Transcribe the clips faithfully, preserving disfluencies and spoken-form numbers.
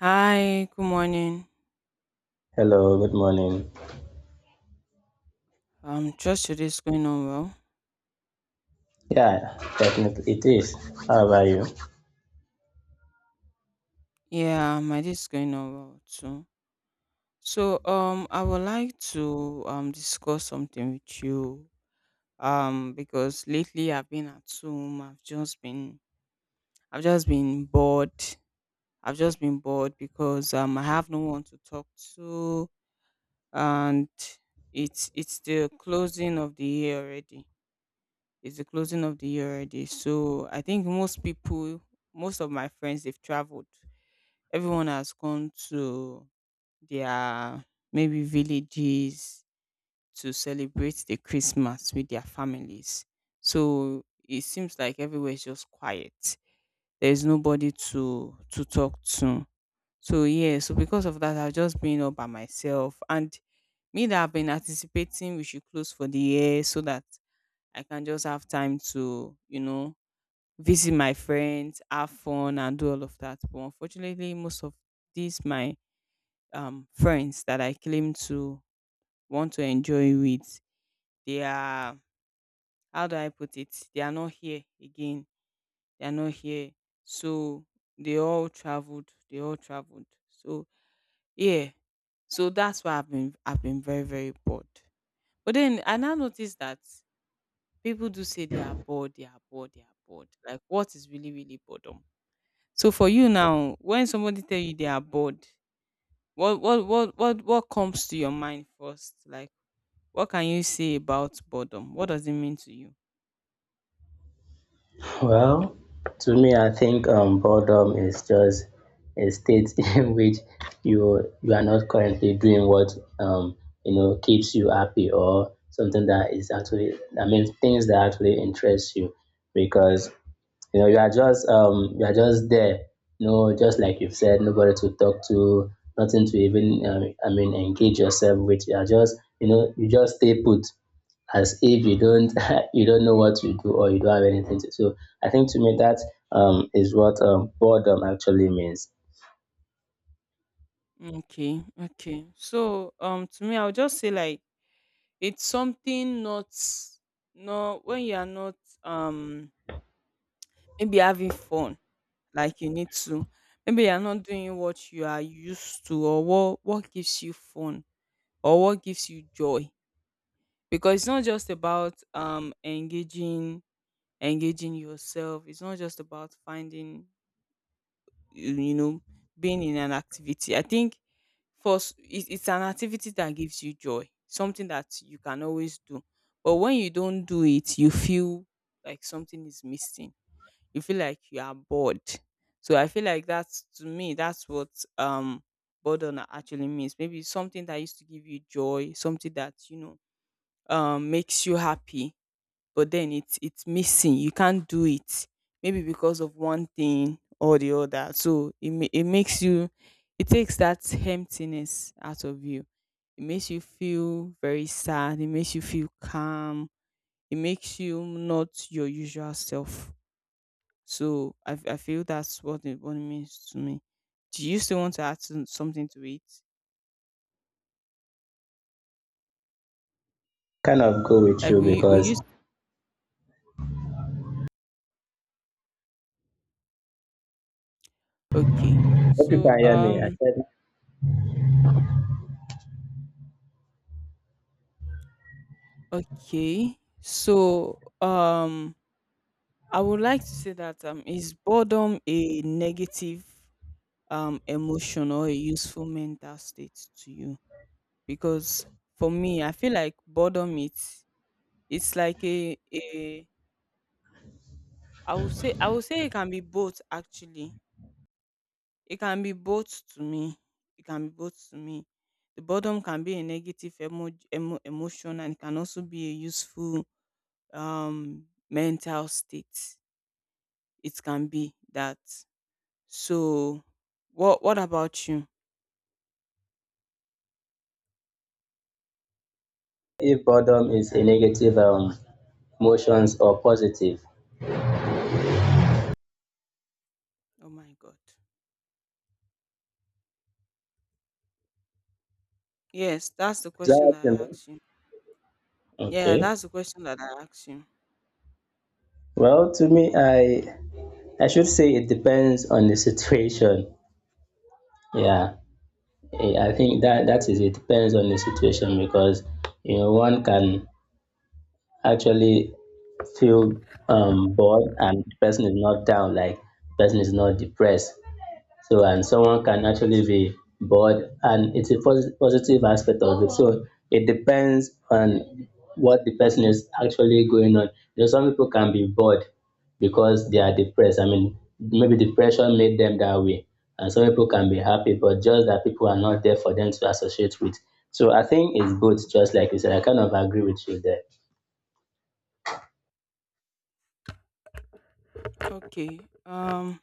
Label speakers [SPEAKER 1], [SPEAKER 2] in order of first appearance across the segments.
[SPEAKER 1] Hi, good morning.
[SPEAKER 2] Hello, good morning.
[SPEAKER 1] Um, trust your day is going on well.
[SPEAKER 2] Yeah, definitely it is. How about you?
[SPEAKER 1] Yeah, my day is going on well too. So, um, I would like to um discuss something with you. Um, because lately I've been at home. I've just been, I've just been bored. I've just been bored because um I have no one to talk to, and it's it's the closing of the year already. It's the closing of the year already. So I think most people most of my friends they've traveled. Everyone has gone to their maybe villages to celebrate the Christmas with their families. So it seems like everywhere is just quiet. There is nobody to to talk to. So yeah, so because of that, I've just been all by myself. And me that I've been anticipating we should close for the year so that I can just have time to, you know, visit my friends, have fun and do all of that. But unfortunately, most of these my um, friends that I claim to want to enjoy with, they are, how do I put it? They are not here again. They are not here. So they all traveled. They all traveled. So, yeah. So that's why I've been, I've been very, very bored. But then I now notice that people do say they are bored, they are bored, they are bored. Like, what is really, really boredom? So for you now, when somebody tell you they are bored, what what what what what comes to your mind first? Like what can you say about boredom? What does it mean to you?
[SPEAKER 2] Well, to me, I think um, boredom is just a state in which you you are not currently doing what um, you know keeps you happy or something that is actually I mean things that actually interest you because you know, you are just um you are just there. No, just like you've said, nobody to talk to, nothing to even um, I mean engage yourself with. You are just you know you just stay put as if you don't you don't know what to do or you don't have anything to do. So I think to me that um, is what um, boredom actually means.
[SPEAKER 1] Okay, okay. So, um, to me, I would just say like it's something not, no, when you are not, um, maybe having fun, like you need to, maybe you are not doing what you are used to or what what gives you fun or what gives you joy. Because it's not just about um engaging engaging yourself. It's not just about finding you you know being in an activity. I think first it, it's an activity that gives you joy, something that you can always do, but when you don't do it you feel like something is missing, you feel like you are bored. So I feel like that's, to me that's what um boredom actually means. Maybe something that used to give you joy, something that you know um makes you happy, but then it's it's missing. You can't do it. Maybe because of one thing or the other. So it ma- it makes you, it takes that emptiness out of you. It makes you feel very sad. It makes you feel calm. It makes you not your usual self. So I, f- I feel that's what it, what it means to me. Do you still want to add some- something to it?
[SPEAKER 2] Kind of go with
[SPEAKER 1] Like
[SPEAKER 2] you
[SPEAKER 1] we we
[SPEAKER 2] because
[SPEAKER 1] used, okay.
[SPEAKER 2] hope you
[SPEAKER 1] So
[SPEAKER 2] can hear me. I
[SPEAKER 1] um
[SPEAKER 2] said
[SPEAKER 1] okay. So um I would like to say that, um, is boredom a negative um, emotion or a useful mental state to you? Because for me, I feel like boredom it's it's like a a, I would say, I would say it can be both actually. It can be both to me. It can be both to me. The boredom can be a negative emo- emo- emotion, and it can also be a useful, um, mental state. It can be that. So, what what about you?
[SPEAKER 2] if boredom is a negative um, emotions or positive.
[SPEAKER 1] Oh my god. Yes, that's the
[SPEAKER 2] Is that
[SPEAKER 1] question
[SPEAKER 2] what
[SPEAKER 1] that
[SPEAKER 2] you
[SPEAKER 1] I
[SPEAKER 2] mean?
[SPEAKER 1] asked you. Yeah,
[SPEAKER 2] Okay.
[SPEAKER 1] that's the question that I asked you.
[SPEAKER 2] Well, to me, I I should say it depends on the situation. Yeah, Eh, I think that that is it depends on the situation because you know one can actually feel um bored and the person is not down, like person is not depressed. So, and someone can actually be bored, and it's a pos- positive aspect of it. So, it depends on what the person is actually going on. You know, some people can be bored because they are depressed. I mean, maybe depression made them that way, and some people can be happy, but just that people are not there for them to associate with. So, I think it's both, just like you said. I kind of agree with you there.
[SPEAKER 1] Okay. Um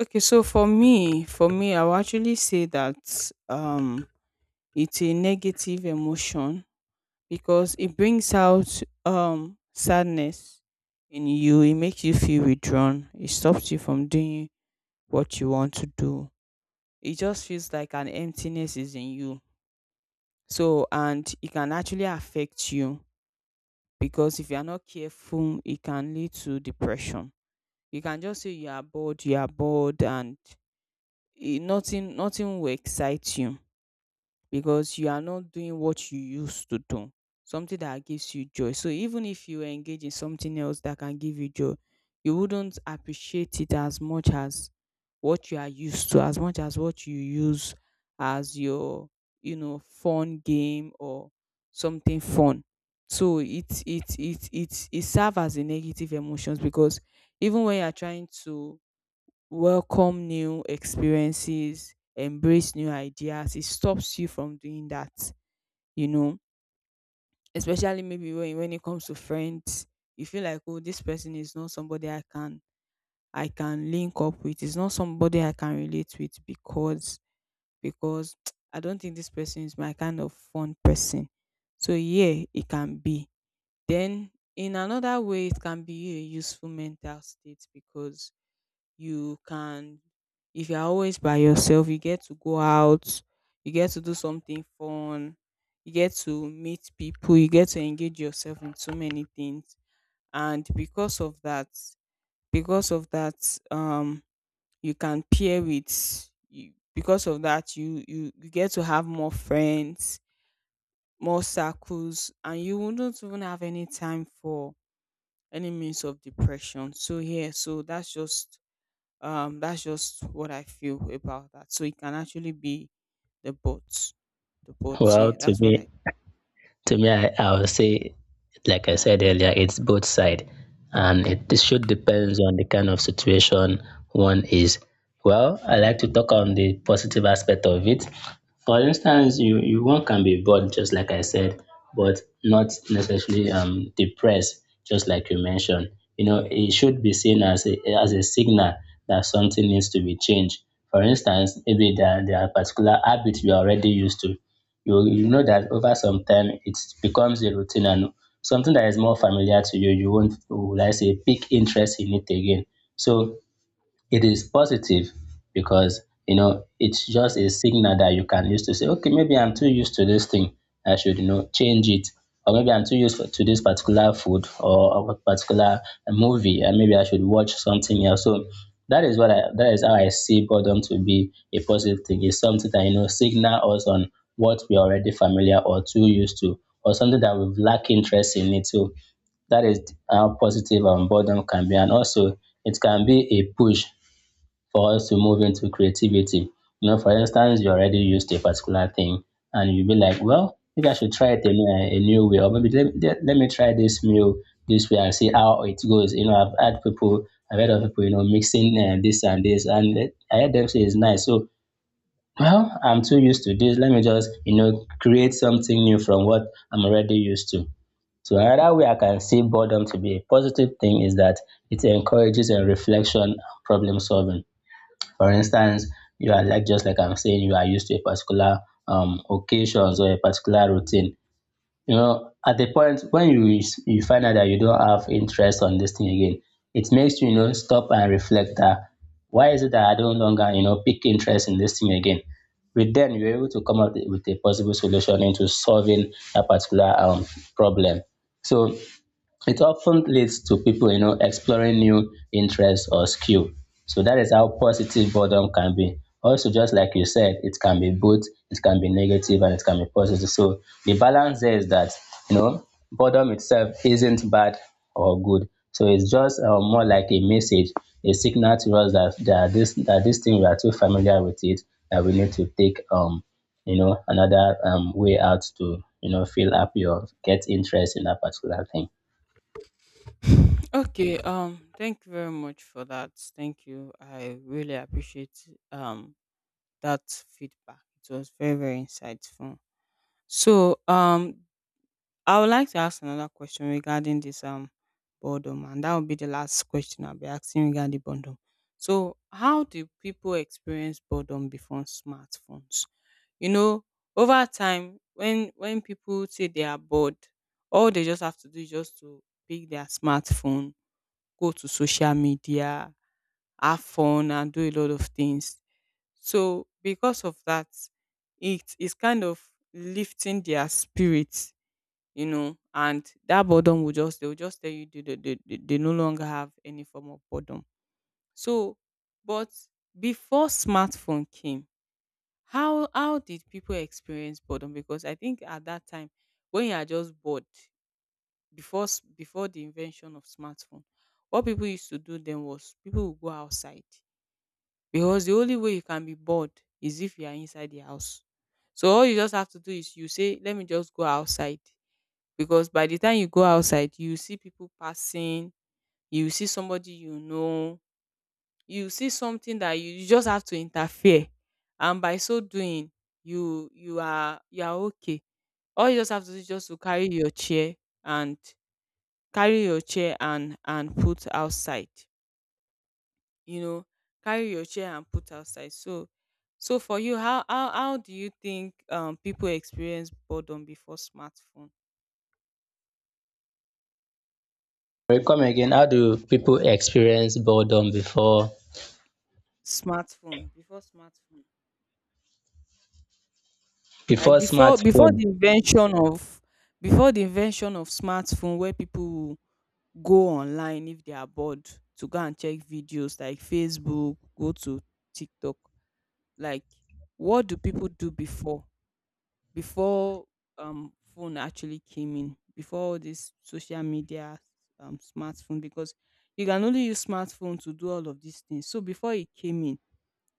[SPEAKER 1] okay, so for me, for me I will actually say that um it's a negative emotion because it brings out um sadness in you. It makes you feel withdrawn. It stops you from doing what you want to do. It just feels like an emptiness is in you. So, and it can actually affect you because if you are not careful, it can lead to depression. You can just say you are bored, you are bored, and it, nothing, nothing will excite you because you are not doing what you used to do, something that gives you joy. So even if you engage in something else that can give you joy, you wouldn't appreciate it as much as what you are used to, as much as what you use as your, you know, fun game or something fun. So it it it it it serves as a negative emotions because even when you are trying to welcome new experiences, embrace new ideas. It stops you from doing that, you know, especially maybe when, when it comes to friends, you feel like, oh, this person is not somebody I can I can link up with. It's not somebody I can relate with because because I don't think this person is my kind of fun person. So yeah, it can be. Then in another way, it can be a useful mental state because you can, if you're always by yourself you get to go out, you get to do something fun, you get to meet people, you get to engage yourself in so many things, and because of that, because of that um you can pair with you, because of that you, you you get to have more friends, more circles, and you wouldn't even have any time for any means of depression. So yeah, so that's just um that's just what I feel about that. So it can actually be the boats, the boats,
[SPEAKER 2] Well,
[SPEAKER 1] yeah,
[SPEAKER 2] to
[SPEAKER 1] that's what
[SPEAKER 2] me,
[SPEAKER 1] I,
[SPEAKER 2] to me, I, I would say, like I said earlier, it's both side, and it, it should depends on the kind of situation one is. Well, I like to talk on the positive aspect of it. For instance, you, you one can be bored, just like I said, but not necessarily um, depressed, just like you mentioned. You know, it should be seen as a, as a signal that something needs to be changed. For instance, maybe there, there are particular habits we are already used to you you know that over some time it becomes a routine, and something that is more familiar to you, you won't, would I say, pick interest in it again. So it is positive because, you know, it's just a signal that you can use to say, okay, maybe I'm too used to this thing. I should, you know, change it. Or maybe I'm too used for, to this particular food or a particular movie, and maybe I should watch something else. So that is what I, that is how I see boredom to be a positive thing. It's something that, you know, signal us on what we're already familiar or too used to, or something that we've lack interest in it. So that is how positive um, boredom can be. And also, it can be a push for us to move into creativity. You know, for instance, you already used a particular thing and you'll be like, well, maybe I should try it in a, new, a new way, or maybe let, let, let me try this meal this way and see how it goes. You know, I've had people, I've heard of people, you know, mixing uh, this and this, and it- I heard them say it's nice. So, well, I'm too used to this. Let me just, you know, create something new from what I'm already used to. So another way I can see boredom to be a positive thing is that it encourages a reflection and problem solving. For instance, you are like just like I'm saying, you are used to a particular um occasions or a particular routine. You know, at the point when you you find out that you don't have interest on this thing again, it makes you, you know, stop and reflect that why is it that I don't longer you know pick interest in this thing again. With then you're able to come up with a possible solution into solving a particular um problem. So it often leads to people you know exploring new interests or skill. So that is how positive boredom can be. Also just like you said, it can be both. It can be negative and it can be positive, so the balance there is that you know boredom itself isn't bad or good, so it's just uh, more like a message, a signal to us that that this that this thing we are too familiar with it, that we need to take um you know another um way out to you know feel happy or get interest in that particular thing.
[SPEAKER 1] okay, um thank you very much for that. Thank you, I really appreciate um that feedback. It was very, very insightful. So um I would like to ask another question regarding this um boredom, and that would be the last question I'll be asking regarding boredom. So, how do people experience boredom before smartphones? You know, over time, when when people say they are bored, all they just have to do is just to pick their smartphone, go to social media, have fun, and do a lot of things. So, because of that, it is kind of lifting their spirits, you know, and that boredom will just, they will just tell you they, they, they, they they no longer have any form of boredom. So, but before smartphone came, how how did people experience boredom? Because I think at that time, when you are just bored, before s- before the invention of smartphone, what people used to do then was people would go outside because the only way you can be bored is if you are inside the house. So all you just have to do is you say, let me just go outside because by the time you go outside you see people passing, you see somebody you know, you see something that you you just have to interfere, and by so doing you you are, you are okay. All you just have to do is just to carry your chair, and carry your chair and and put outside, you know, carry your chair and put outside. So, so for you how how, how do you think um people experience boredom before smartphone,
[SPEAKER 2] Sorry, come again. How do people experience boredom before
[SPEAKER 1] smartphone, before smartphone. Like
[SPEAKER 2] before
[SPEAKER 1] before before the
[SPEAKER 2] smartphone?
[SPEAKER 1] invention of, before the invention of smartphone where people go online if they are bored to go and check videos like Facebook, go to TikTok. Like what do people do before, before um phone actually came in, before all this social media um smartphone, because you can only use smartphone to do all of these things. So before it came in,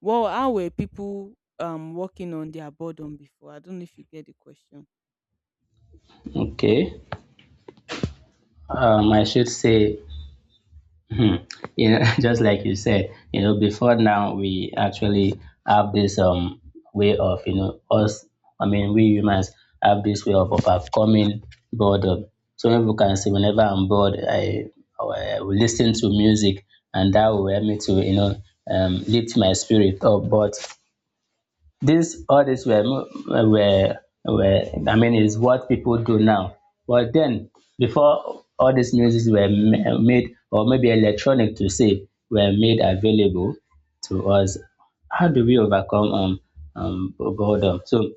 [SPEAKER 1] well how were people um working on their boredom before? I don't know if you get the question.
[SPEAKER 2] Okay, um, I should say, hmm, you know, just like you said, you know, before now we actually have this um way of you know us. I mean, we humans have this way of overcoming boredom. So people can say, whenever I'm bored, I, I will listen to music, and that will help me to you know um lift my spirit up. But this, all this were, were, were, I mean, is what people do now. But then, before all these music were ma- made, or maybe electronic to say, were made available to us, how do we overcome um, um, boredom? So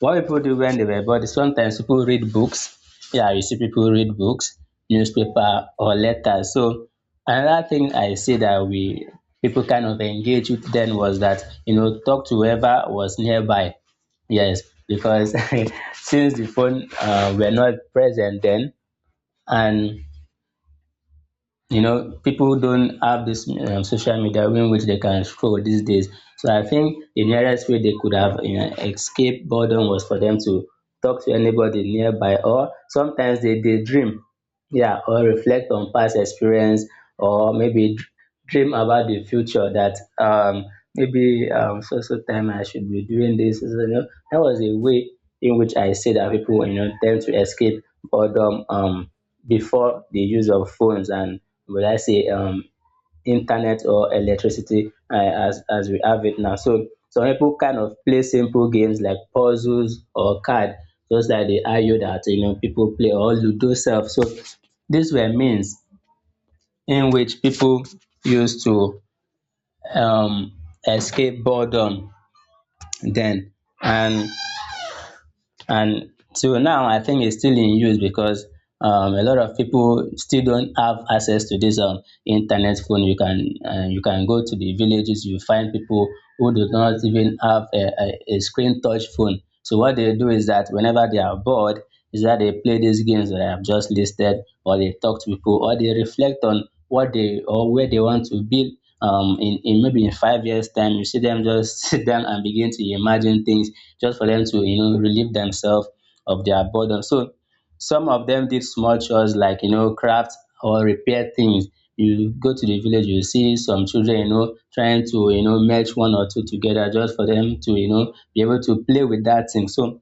[SPEAKER 2] what people do when they were bored, sometimes people read books. Yeah, you see people read books, newspaper or letters. So another thing I see that we people kind of engage with then was that you know talk to whoever was nearby. Yes, because since the phone uh, were not present then, and you know people don't have this um, social media in which they can scroll these days, so I think the nearest way they could have you know escaped boredom was for them to talk to anybody nearby, or sometimes they daydream, yeah, or reflect on past experience, or maybe dr- dream about the future that um, maybe um, so so time I should be doing this. So, so, you know, that was a way in which I say that people you know tend to escape boredom um, before the use of phones and would I say um, internet or electricity uh, as as we have it now. So some people kind of play simple games like puzzles or card, just like the Ayo that you know people play or Ludo self. So these were means in which people used to um, escape boredom then. and and till now I think it's still in use because um, a lot of people still don't have access to this um, internet phone. You can uh, you can go to the villages, you find people who do not even have a, a, a screen touch phone, so what they do is that whenever they are bored is that they play these games that I have just listed, or they talk to people, or they reflect on what they or where they want to build um, in, in maybe in five years' time. You see them just sit down and begin to imagine things just for them to, you know, relieve themselves of their burden. So some of them did small chores like, you know, craft or repair things. You go to the village, you see some children, you know, trying to, you know, merge one or two together just for them to, you know, be able to play with that thing. So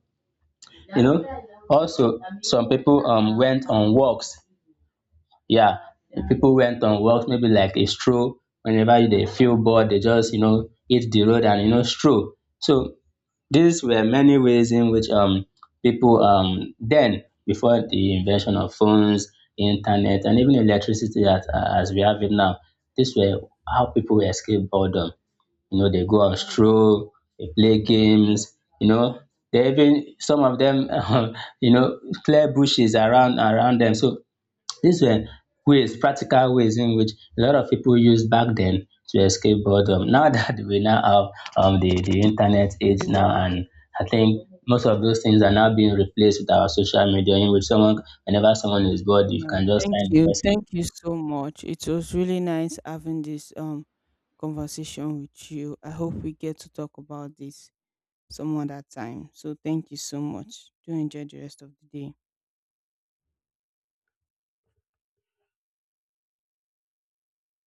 [SPEAKER 2] you know also some people um went on walks, yeah, people went on walks maybe like a stroll. Whenever they feel bored they just you know hit the road and you know stroll. So these were many ways in which um people um then before the invention of phones, internet and even electricity as, as we have it now, this were how people escape boredom. You know, they go on stroll, they play games, you know. They even some of them um, you know clear bushes around around them. So these were ways, practical ways in which a lot of people used back then to escape boredom. Now that we now have um the, the internet age now, and I think most of those things are now being replaced with our social media in which someone whenever someone is bored you
[SPEAKER 1] Yeah,
[SPEAKER 2] can just
[SPEAKER 1] thank
[SPEAKER 2] find the
[SPEAKER 1] you.
[SPEAKER 2] person
[SPEAKER 1] Thank you so much. It was really nice having this um conversation with you. I hope we get to talk about this some other time. So thank you so much. Do enjoy the rest of the day.